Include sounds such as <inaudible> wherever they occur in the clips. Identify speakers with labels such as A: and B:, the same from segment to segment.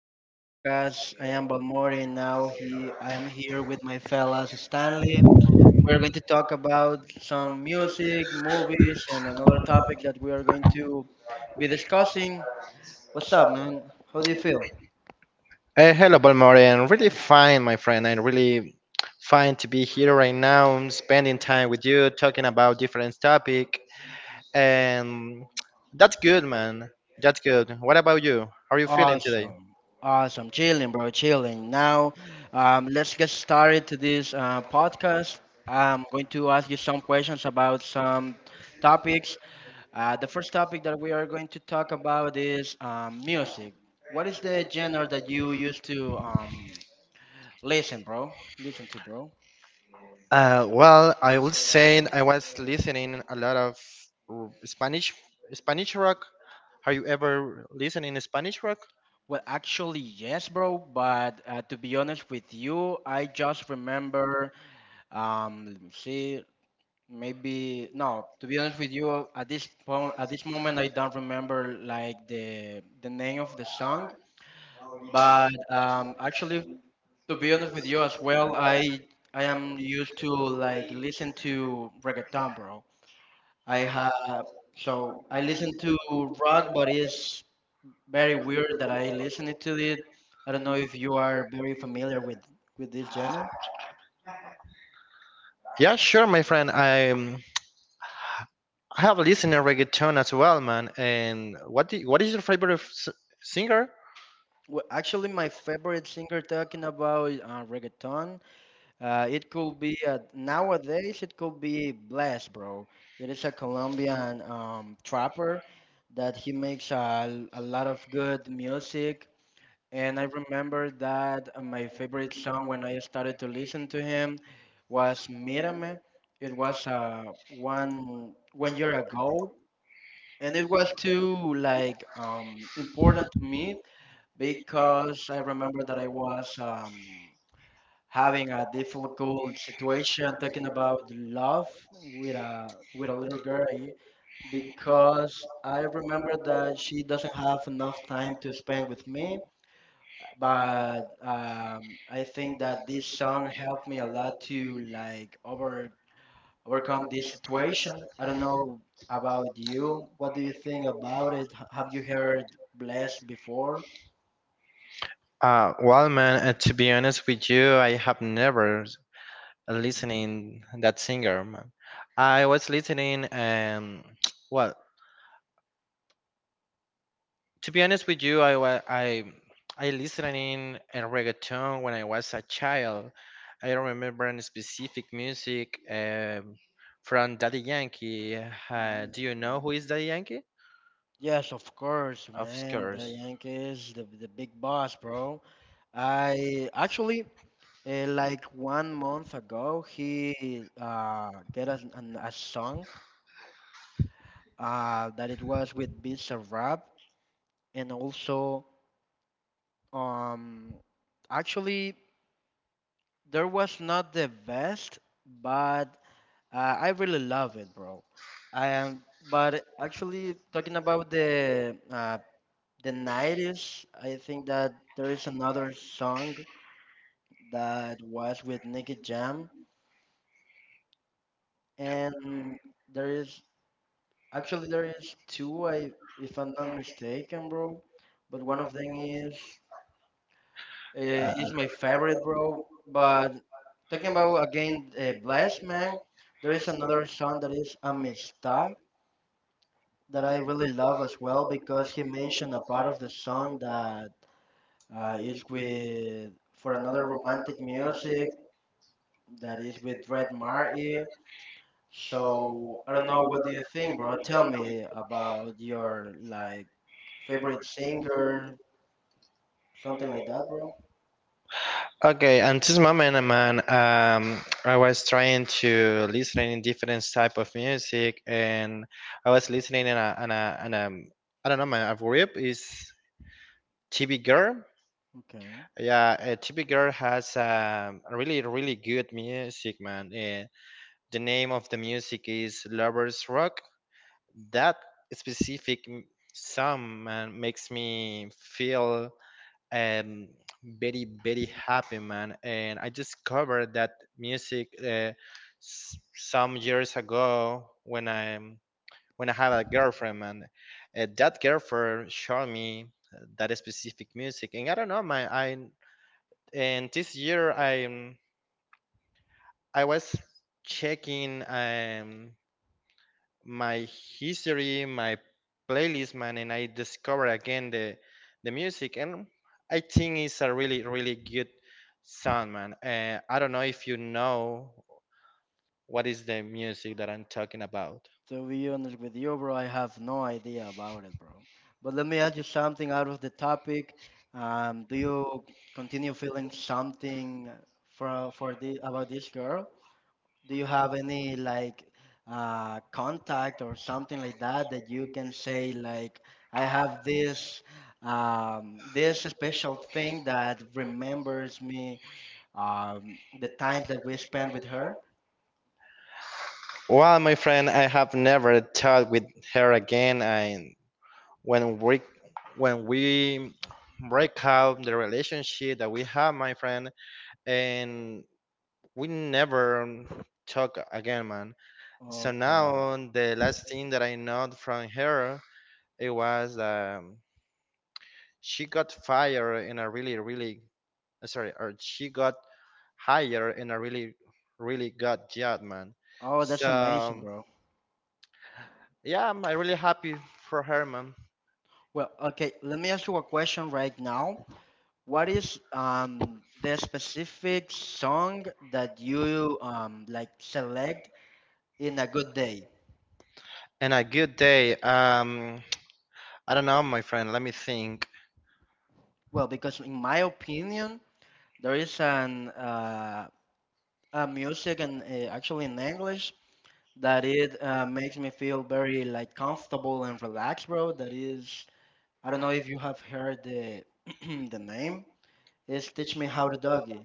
A: this podcast. I am Balmori, and I am here with my fellas Stanley. We're going to talk about some music, movies, and another topic that we are going to be discussing. What's up, man? How do you feel?
B: Hello, Balmorian. Really fine, my friend. I'm really fine to be here right now, spending time with you, talking about different topic, and that's good, man. That's good. What about you? How are you feeling today?
A: Awesome. Awesome. Chilling, bro. Chilling. Now, let's get started to this podcast. I'm going to ask you some questions about some topics. The first topic that we are going to talk about is music. What is the genre that you used to listen, bro? listen to, bro?
B: Well, I would say I was listening a lot of r- Spanish Spanish rock. Are you ever listening to Spanish rock?
A: Well, actually, yes, bro. But to be honest with you, I just remember. Let me see. Maybe no. To be honest with you, at this point, at this moment, I don't remember like the name of the song. But actually, to be honest with you as well, I am used to like listen to reggaeton, bro. I have so I listen to rock, but it's very weird that I listen to it. I don't know if you are very familiar with this genre.
B: Yeah, sure, my friend. I have listened to reggaeton as well, man. And what is your favorite singer?
A: Well, actually, my favorite singer talking about reggaeton. It could be nowadays. It could be Blast, bro. It is a Colombian trapper that he makes a lot of good music. And I remember that my favorite song when I started to listen to him was Mírame. It was one year ago, and it was too like important to me because I remember that I was having a difficult situation talking about love with a little girl, because I remember that she doesn't have enough time to spend with me. But I think that this song helped me a lot to like overcome this situation. I don't know about you. What do you think about it? Have you heard "Blessed" before?
B: Well, man, to be honest with you, I have never listening that singer, man. I was listening, <tsk> well, to be honest with you, I wa- I listening a reggaeton when I was a child. I don't remember any specific music from Daddy Yankee. Uh,
A: Mm,
B: do you
A: okay.
B: know who is Daddy Yankee?
A: Yes, of course,
B: Of
A: man. The
B: course.
A: Yankees, the big boss, bro. I actually like one month ago he get us a song that it was with Beats of Rap, and also um actually there was not the best, but I really love it, bro. I am but actually, talking about the 90s, I think that there is another song that was with Nicky Jam, and there is there is two, I if I'm not mistaken, bro. But one of them is my favorite, bro. But talking about again, Bless Man, there is another song that is Amistad that I really love as well, because he mentioned a part of the song that is with for another romantic music. That is with Red Marty. So I don't know, what do you think, bro? Tell me about your like favorite singer, something like that, bro.
B: Okay, and this moment, man, I was trying to listening in different type of music, and I was listening in a I don't know, man, a group is TV Girl.
A: Okay.
B: Yeah, TV Girl has really, really good music, man. The name of the music is Lovers Rock. That specific song, man, makes me feel um very very happy, man. And I discovered that music some years ago when I had a girlfriend. And that girlfriend showed me that specific music. And I don't know, my I and this year I was checking my history, my playlist, man, and I discover again the music, and I think it's a really really good sound, man. I don't know if you know what is the music that I'm talking about.
A: To be honest with you, bro, I have no idea about it, bro. But let me ask you something out of the topic. Do you continue feeling something for the about this girl? Do you have any like contact or something like that that you can say like, I have this special thing that remembers me the times that we spent with her?
B: Well, my friend, I have never talked with her again, and when we when we break up the relationship that we have, my friend, and we never talk again, man. So now
A: Okay.
B: the last thing that I know from her, it was she got fired in a really really sorry, or she got hired in a really really good job, man.
A: Oh, that's amazing,
B: So
A: bro.
B: yeah, I'm really happy for her, man.
A: Well, okay, let me ask you a question right now. What is the specific song that you like select in a good day?
B: And a good day. I don't know, my friend. Let me think.
A: Well, because in my opinion, there is an a music, and actually in English, that it makes me feel very like comfortable and relaxed, bro. That is, I don't know if you have heard the <clears throat> the name. It's Teach Me How to Doggy.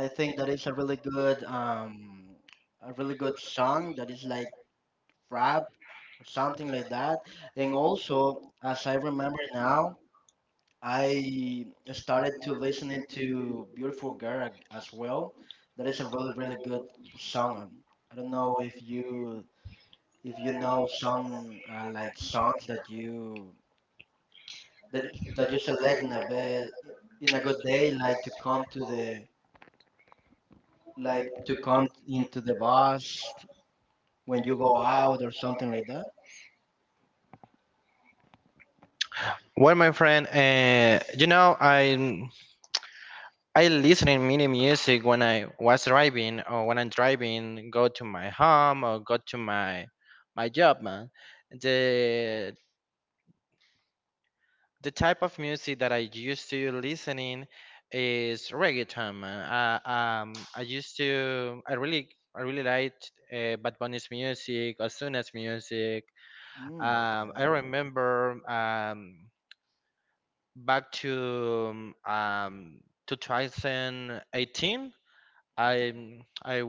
A: I think that is a really good, a really good song that is like rap or something like that. And also, as I remember now, I started to listening to Beautiful Girl as well. That is a really, really good song. I don't know if you know some like songs that you select in a bed in a good day, like to come into the bus when you go out or something like that.
B: Well, my friend, you know I listen in mini music when I was driving or when I'm driving, go to my home or go to my job, man. The the type of music that I used to listening is reggaeton, man. I used to, I really liked Bad Bunny's music, Osuna's music.
A: Mm,
B: I
A: okay.
B: remember back to 2018. I I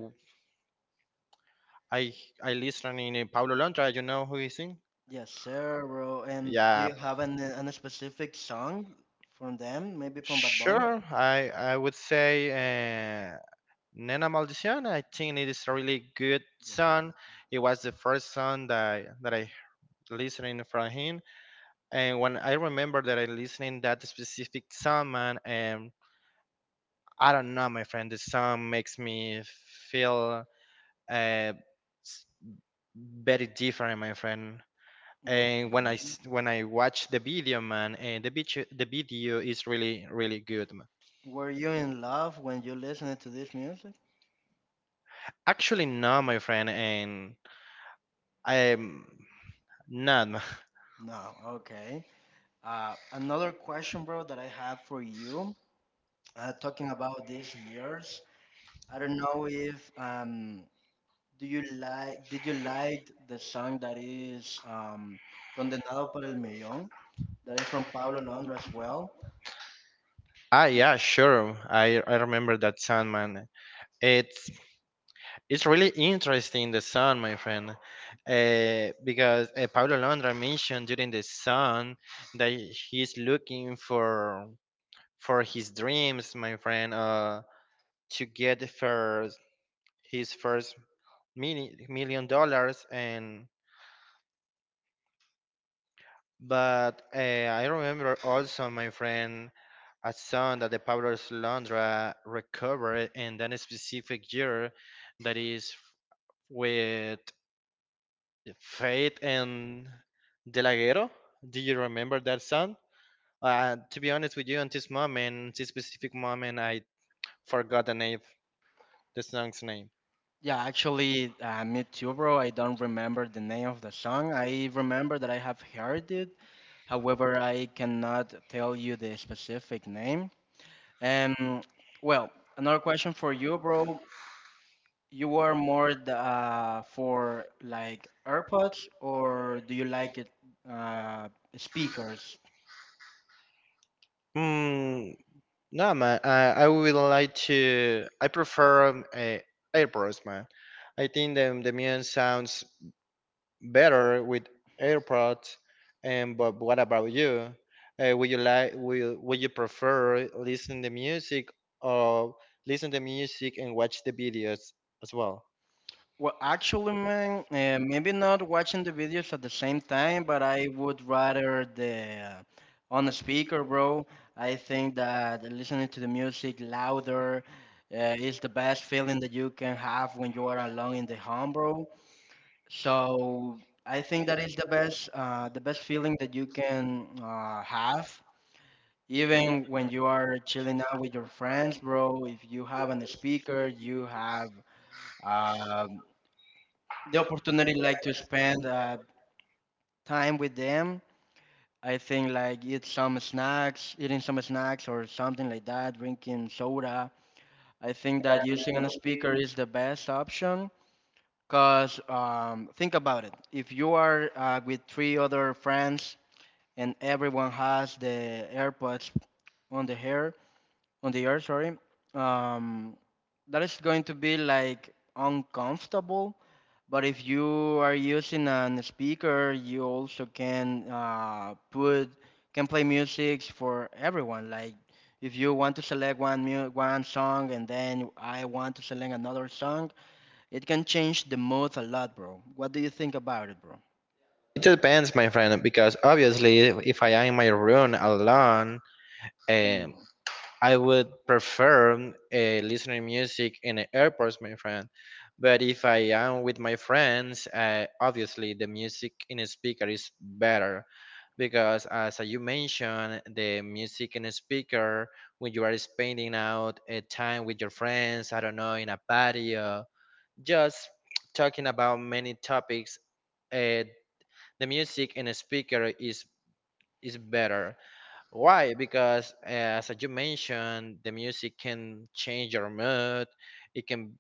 B: I I listen in Paulo Londra. You know who he sing?
A: Yes, sir, bro. And do
B: Yeah,
A: you have an specific song from them? Maybe from Bad Bunny?
B: sure. I would say Nena Maldición. I think it is a really good
A: Yeah.
B: song. It was the first song that I listening from him. And when I remember that I listening that specific song, man, and I don't know, my friend, the song makes me feel uh, s- very different, my friend. And when I
A: Okay.
B: s- when I watch the video, man, and the video is really really good, man.
A: Were you in love when you listened to this music?
B: Actually, no, my friend, and I'm not, man. <laughs>
A: No. Okay. Another question, bro, that I have for you, talking about these years. I don't know if do you like did you like the song that is "Condenado por el Millón" that is from Pablo Londra as well.
B: Ah, yeah, sure. I remember that song, man. It's it's really interesting the song, my friend, because Paulo Londra mentioned during the song that he's looking for his dreams, my friend, to get first his first $1 million, and but I remember also, my friend, a son that the Pablo Londra recovered in that specific year, that is with Faith and De. Do you remember that song? To be honest with you, on this moment, this specific moment, I forgot the name, the song's name.
A: Yeah, actually, me too, bro. I don't remember the name of the song. I remember that I have heard it, however, I cannot tell you the specific name. And well, another question for you, bro. You are more for like AirPods, or do you like it uh, speakers?
B: Hmm. No, man. I would like to. I prefer AirPods, man. I think the music sounds better with AirPods. And but what about you? Would you like? Will Would you prefer listen the music or listen the music and watch the videos as well?
A: Well, actually, man, maybe not watching the videos at the same time, but I would rather the on the speaker, bro. I think that listening to the music louder is the best feeling that you can have when you are alone in the home, bro. So I think that is the best feeling that you can have. Even when you are chilling out with your friends, bro, if you have a speaker, you have um the opportunity like to spend time with them. I think like eating some snacks or something like that, drinking soda. I think that using a speaker is the best option. Cause think about it. If you are with three other friends and everyone has the AirPods on the hair, on the ear, sorry, um, that is going to be like uncomfortable. But if you are using a speaker, you also can put can play music for everyone. Like if you want to select one song, and then I want to select another song, it can change the mood a lot, bro. What do you think about it, bro?
B: It depends, my friend, because obviously, if I am in my room alone, uh,
A: Mm.
B: I would prefer uh, listening music in the airports, my friend. But if I am with my friends, obviously the music in a speaker is better, because as you mentioned, the music in a speaker when you are spending out a time with your friends, I don't know, in a patio, just talking about many topics, uh, the music in a speaker is better. Why? Because as you mentioned, the music can change your mood. It can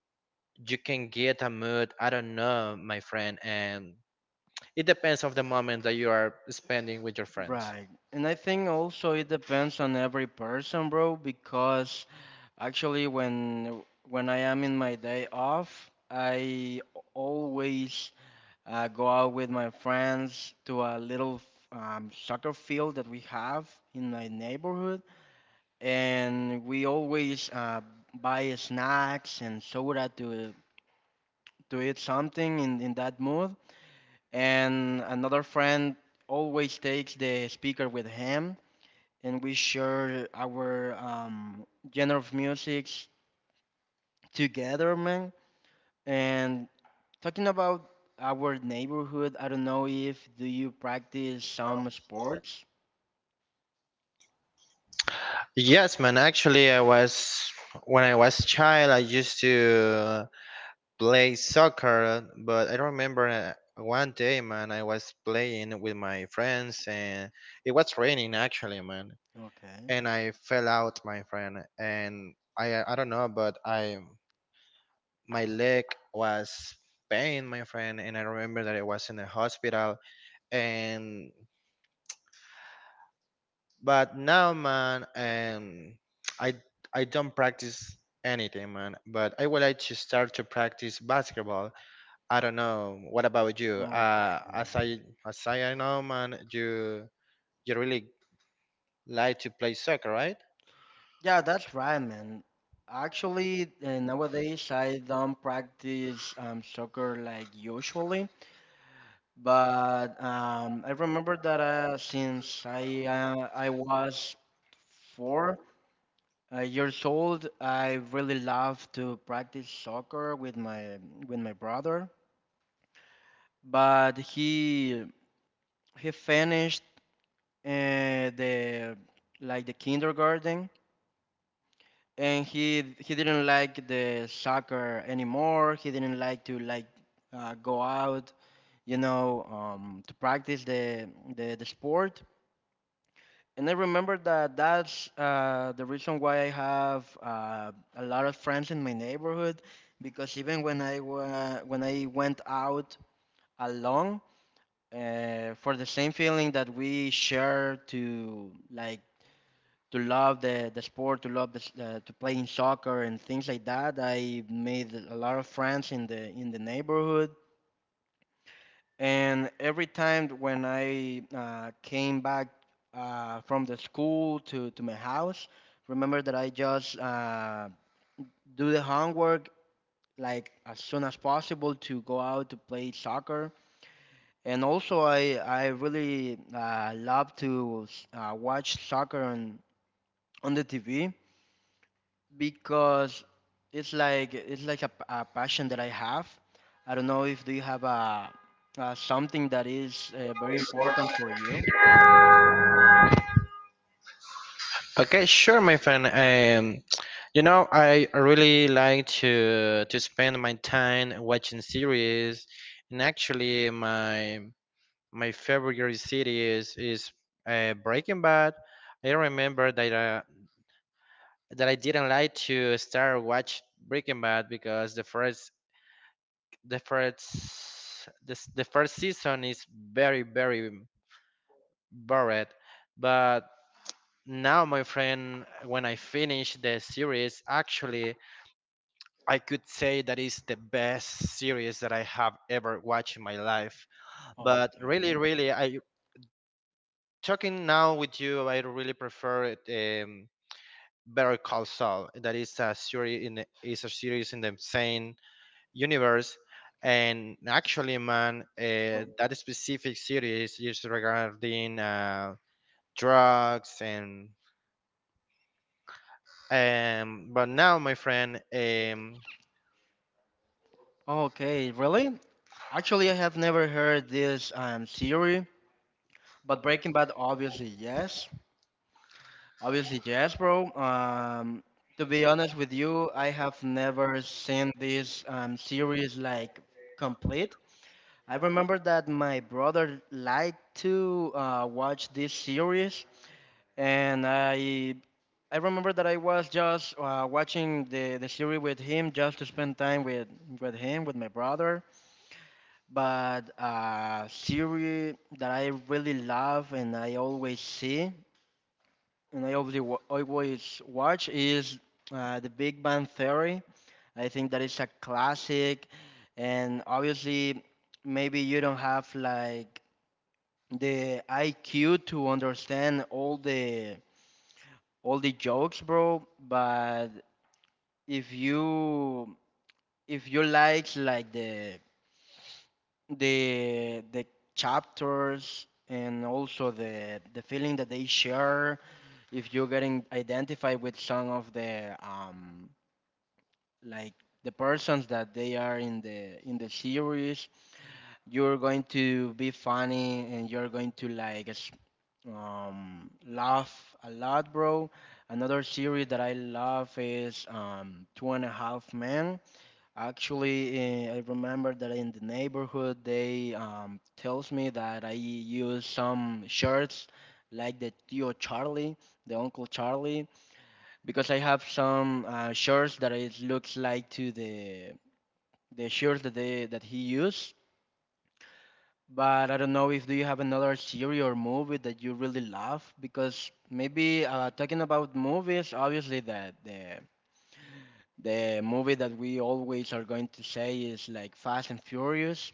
B: you can get a mood. I don't know, my friend, and it depends of the moment that you are spending with your friends.
A: Right. And I think also it depends on every person, bro, because actually when I am in my day off, I always go out with my friends to a little soccer field that we have in my neighborhood, and we always buy snacks and soda to eat something in that mood. And another friend always takes the speaker with him, and we share our genre of music together, man. And talking about our neighborhood, I don't know if do you practice some sports?
B: Yes, man. Actually, I was when I was a child, I used to play soccer, but I don't remember. One day, man, I was playing with my friends, and it was raining actually, man.
A: Okay.
B: And I fell out, my friend. And I don't know, but I my leg was pain, my friend. And I remember that I was in the hospital. And but now, man, and I I don't practice anything, man. But I would like to start to practice basketball. I don't know. What about you?
A: Okay,
B: Uh, as
A: man.
B: I as I know, man, you really like to play soccer, right?
A: Yeah, that's right, man. Actually, nowadays I don't practice soccer like usually, but I remember that since I was four years old, I really love to practice soccer with my brother, but he finished uh, the the kindergarten, and he didn't like the soccer anymore. He didn't like to like go out, to practice the sport, and I remember that that's the reason why I have a lot of friends in my neighborhood, because even when when I went out alone for the same feeling that we share to like to love the sport, to love to playing soccer and things like that. I made a lot of friends in the neighborhood, and every time when I came back from the school to my house, remember that I just do the homework like as soon as possible to go out to play soccer. And also, I really love to watch soccer on the TV because it's like a passion that I have. I don't know if do you have something that is very important for you.
B: Okay, sure, my friend. You know, I really like to spend my time watching series, and actually, my favorite series is Breaking Bad. I remember that I didn't like to start watch Breaking Bad because the first season is very very bored. But now, my friend, when I finish the series, actually I could say that is the best series that I have ever watched in my life. But really,
A: Okay.
B: really, I talking now with you, I really prefer it, Better Call Saul. That is a series in the same universe. And actually, man, that specific series is regarding drugs and. But now, my friend,
A: Okay, really? Actually, I have never heard this theory, but Breaking Bad, obviously, yes. Obviously, yes, bro. To be honest with you, I have never seen this series like complete. I remember that my brother liked to watch this series, and I remember that I was just watching the series with him just to spend time with him, with my brother. But a series that I really love and I always see and I always watch is The Big Bang Theory. I think that is a classic, and obviously, maybe you don't have like the IQ to understand all the jokes, bro. But if you if you like the chapters and also the feeling that they share, if you're getting identified with some of the like the persons that they are in the series, you're going to be funny and you're going to like laugh a lot, bro. Another series that I love is Two and a Half Men. Actually, I remember that in the neighborhood they tells me that I use some shirts like the Tio Charlie, the Uncle Charlie, because I have some shirts that it looks like to the shirts that they that he used, but I don't know if do you have another series or movie that you really love? Because maybe talking about movies, obviously that the movie that we always are going to say is like Fast and Furious.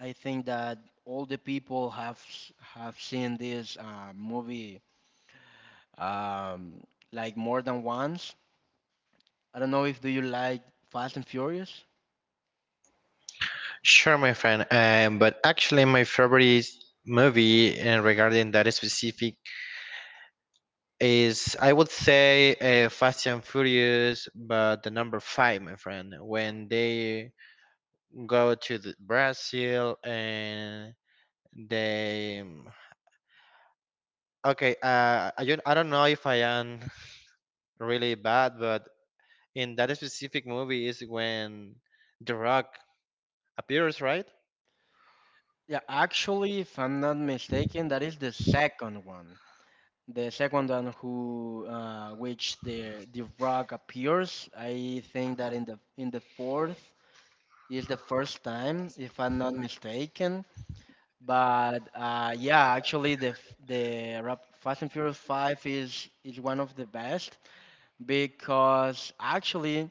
A: I think that all the people have have seen this movie um, like more than once. I don't know if do you like Fast and Furious?
B: sure, my friend. But actually, my favorite movie and regarding that specific is I would say Fast and Furious, but the number five, my friend, when they go to the Brazil and they. Okay, I don't know if I am <laughs> really bad, but in that specific movie is when The Rock appears, right?
A: Yeah, actually, if I'm not mistaken, that is the second one. The second one who which the Rock appears. I think that in the fourth is the first time, if I'm not mistaken. But yeah, actually the f- Fast and Furious Five is one of the best, because actually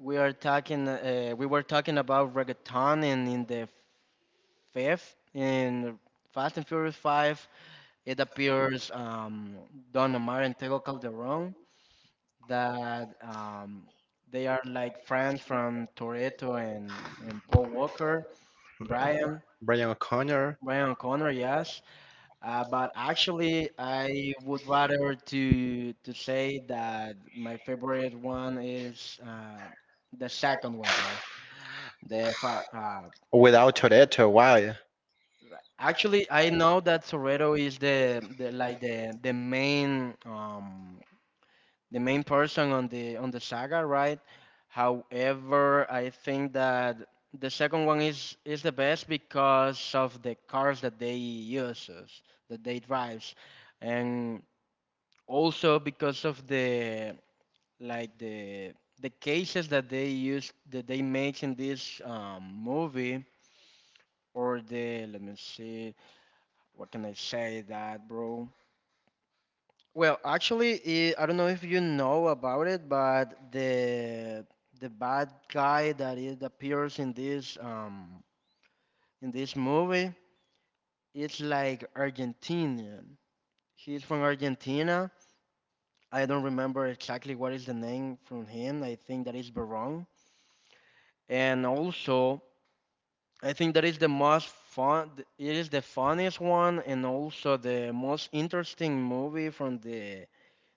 A: we were talking about reggaeton, and in the fifth in Fast and Furious Five it appears Don Omar and Tego Calderon, that they are like friends from Toretto and, Paul Walker Brian.
B: Brian O'Connor
A: Brian O'Connor, yes, but actually, I would rather to say that my favorite one is the second one, bro. The fa- uh,
B: without Toretto. Wow.
A: actually, I know that Toretto is the like the main person on the saga, right? However, I think that the second one is the best because of the cars that they uses, that they drives, and also because of the like the cases that they use, that they make in this movie. Or the, let me see what can I say that, bro. Well, actually, it, I don't know if you know about it, but the bad guy that it appears in this movie, it's like Argentinian. He's from Argentina. I don't remember exactly what is the name from him. I think that is Barón. And also, I think that is the most fun. It is the funniest one, and also the most interesting movie from the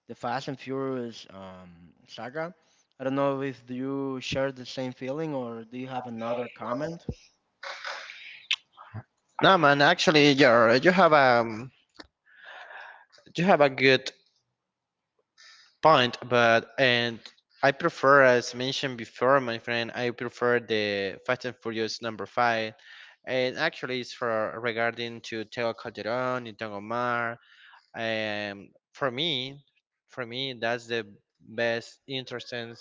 A: Fast and Furious saga. I don't know if you share the same feeling or do you have another comment?
B: No, man. Actually, you have a good point, but and I prefer, as mentioned before, my friend, I prefer the Fast and Furious number five, and actually, it's for regarding to Teo Calderon and Don Omar. And for me, that's the best interesting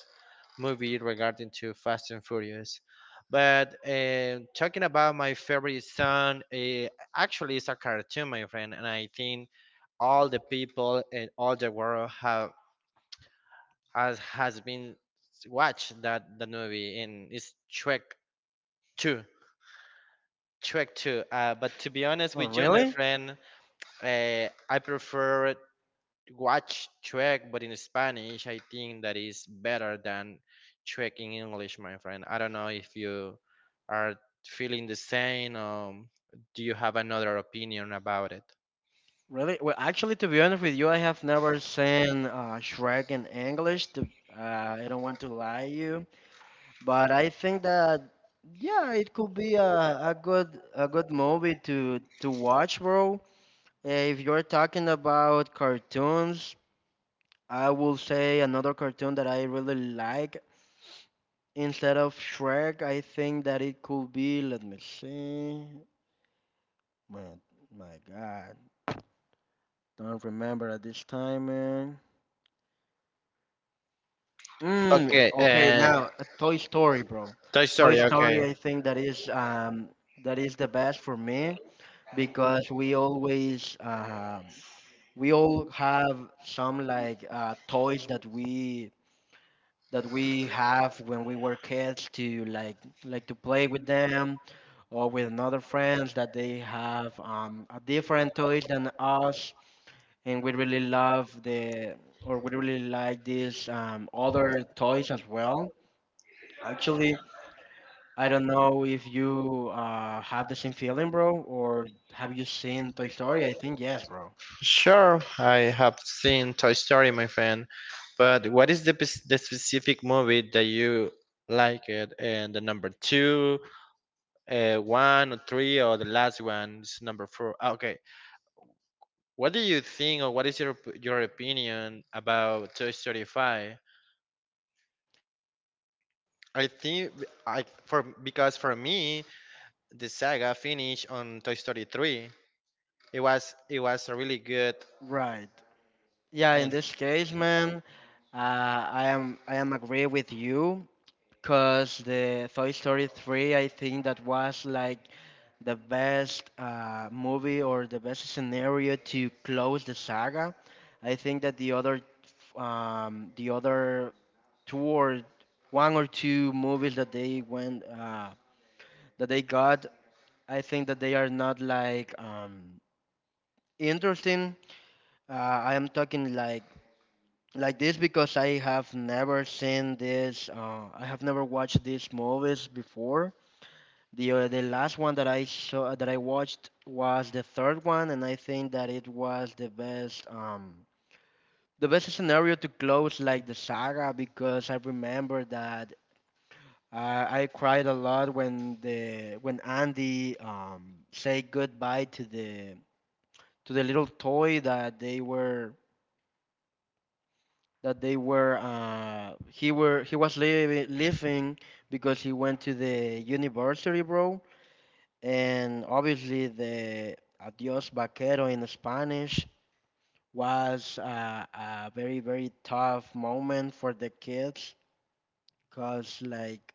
B: movie regarding to Fast and Furious. But talking about my favorite song, actually, it's a cartoon, my friend, and I think all the people in all the world have has been watched that the movie, and it's Shrek Two. Shrek Two. But to be honest
A: Oh,
B: with you, my
A: really?
B: friend, I prefer watch Trek, but in Spanish, I think that is better than Trek in English, my friend. I don't know if you are feeling the same. Do you have another opinion about it?
A: Really? Well, actually, to be honest with you, I have never seen Shrek in English. Uh, I don't want to lie you, but I think that yeah, it could be a good movie to watch, bro. If you're talking about cartoons, I will say another cartoon that I really like instead of Shrek. I think that it could be, let me see. My, my God. Don't remember at this time, man.
B: Okay.
A: Okay, now Toy Story, bro.
B: Toy
A: Toy
B: Story.
A: Sorry.
B: Okay.
A: Story, I think that is the best for me, because we always we all have some like toys that we have when we were kids to like to play with them or with another friends that they have a different toys than us, and we really love the, or we really like these other toys as well. Actually, I don't know if you have the same feeling, bro, or have you seen Toy Story? I think yes, bro.
B: Sure, I have seen Toy Story, my friend. But what is the specific movie that you like it? And the number two, one or three, or the last one is number four. Ah, okay. What do you think, or what is your opinion about Toy Story Five? I think I for because for me the saga finished on Toy Story Three. It was a really good.
A: Right. Yeah, in
B: And
A: this case, man, I am, I am agree with you, because the Toy Story 3, I think that was like the best movie or the best scenario to close the saga. I think that the other two or one or two movies that they went that they got, I think that they are not like interesting. I am talking like this because I have never seen this. I have never watched these movies before. The last one that I saw, that I watched was the third one, and I think that it was the best scenario to close like the saga, because I remember that. I cried a lot when the when Andy say goodbye to the little toy that they were he were he was leaving, because he went to the university, bro. And obviously the adios vaquero in Spanish was a very tough moment for the kids, because like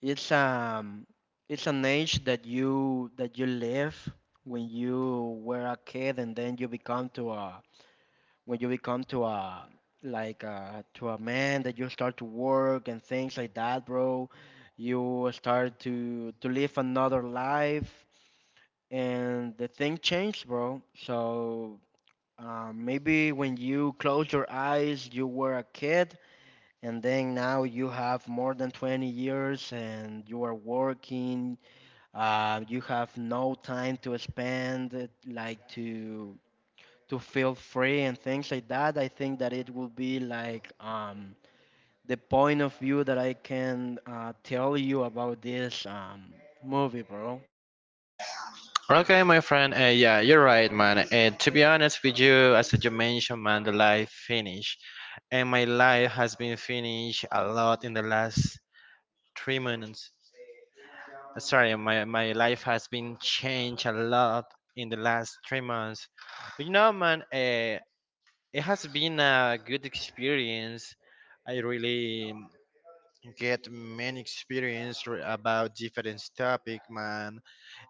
A: it's um it's an age that you live when you were a kid, and then you become to a, when you become to a like to a man that you start to work and things like that, bro. You start to live another life, and the thing changed, bro. So maybe when you close your eyes, you were a kid, and then now you have more than 20 years, and you are working. You have no time to spend, like to feel free and things like that. I think that it will be like the point of view that I can tell you about this movie, bro.
B: okay, my friend. Yeah, you're right, man. To be honest with you, as you mentioned, man, the life finished, and my life has been finished a lot in the last 3 months. Sorry, my life has been changed a lot in the last 3 months. But you know, man, it has been a good experience. I really get many experience about different topic, man,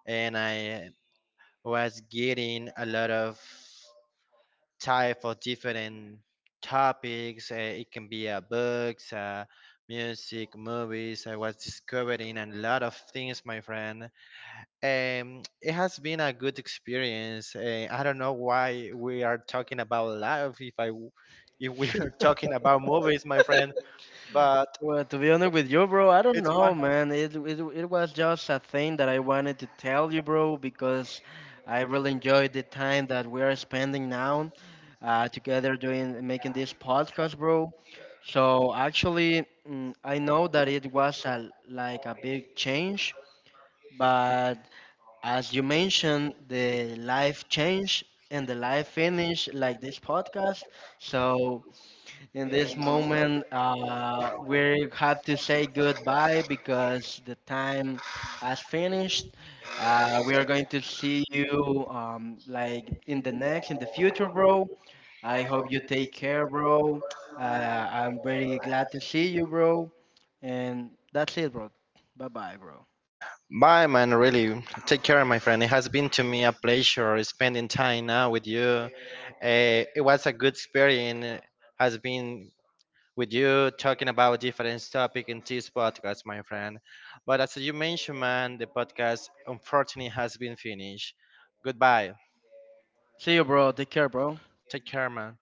B: and I was getting a lot of type of different topics. It can be books, music, movies. I was discovering a lot of things, my friend. It has been a good experience. I don't know why we are talking about life if I w- if we are <laughs> talking about movies, my friend. But
A: Well, to be honest with you, bro, I don't
B: it's fine.
A: know, man. It, it was just a thing that I wanted to tell you, bro, because I really enjoyed the time that we are spending now together, doing making this podcast, bro. So actually, I know that it was a like a big change, but as you mentioned, the life change and the life finish, like this podcast. So, in this moment, we have to say goodbye because the time has finished. We are going to see you like in the next, in the future, bro. I hope you take care, bro. I'm very glad to see you, bro. And that's it, bro. Bye bye, bro.
B: Bye, man. Really, take care, my friend. It has been to me a pleasure spending time now with you. It was a good experience. Has been with you talking about different topic in this podcast, my friend. But as you mentioned, man, the podcast unfortunately has been finished. Goodbye.
A: See you, bro. Take care, bro.
B: Take care, man.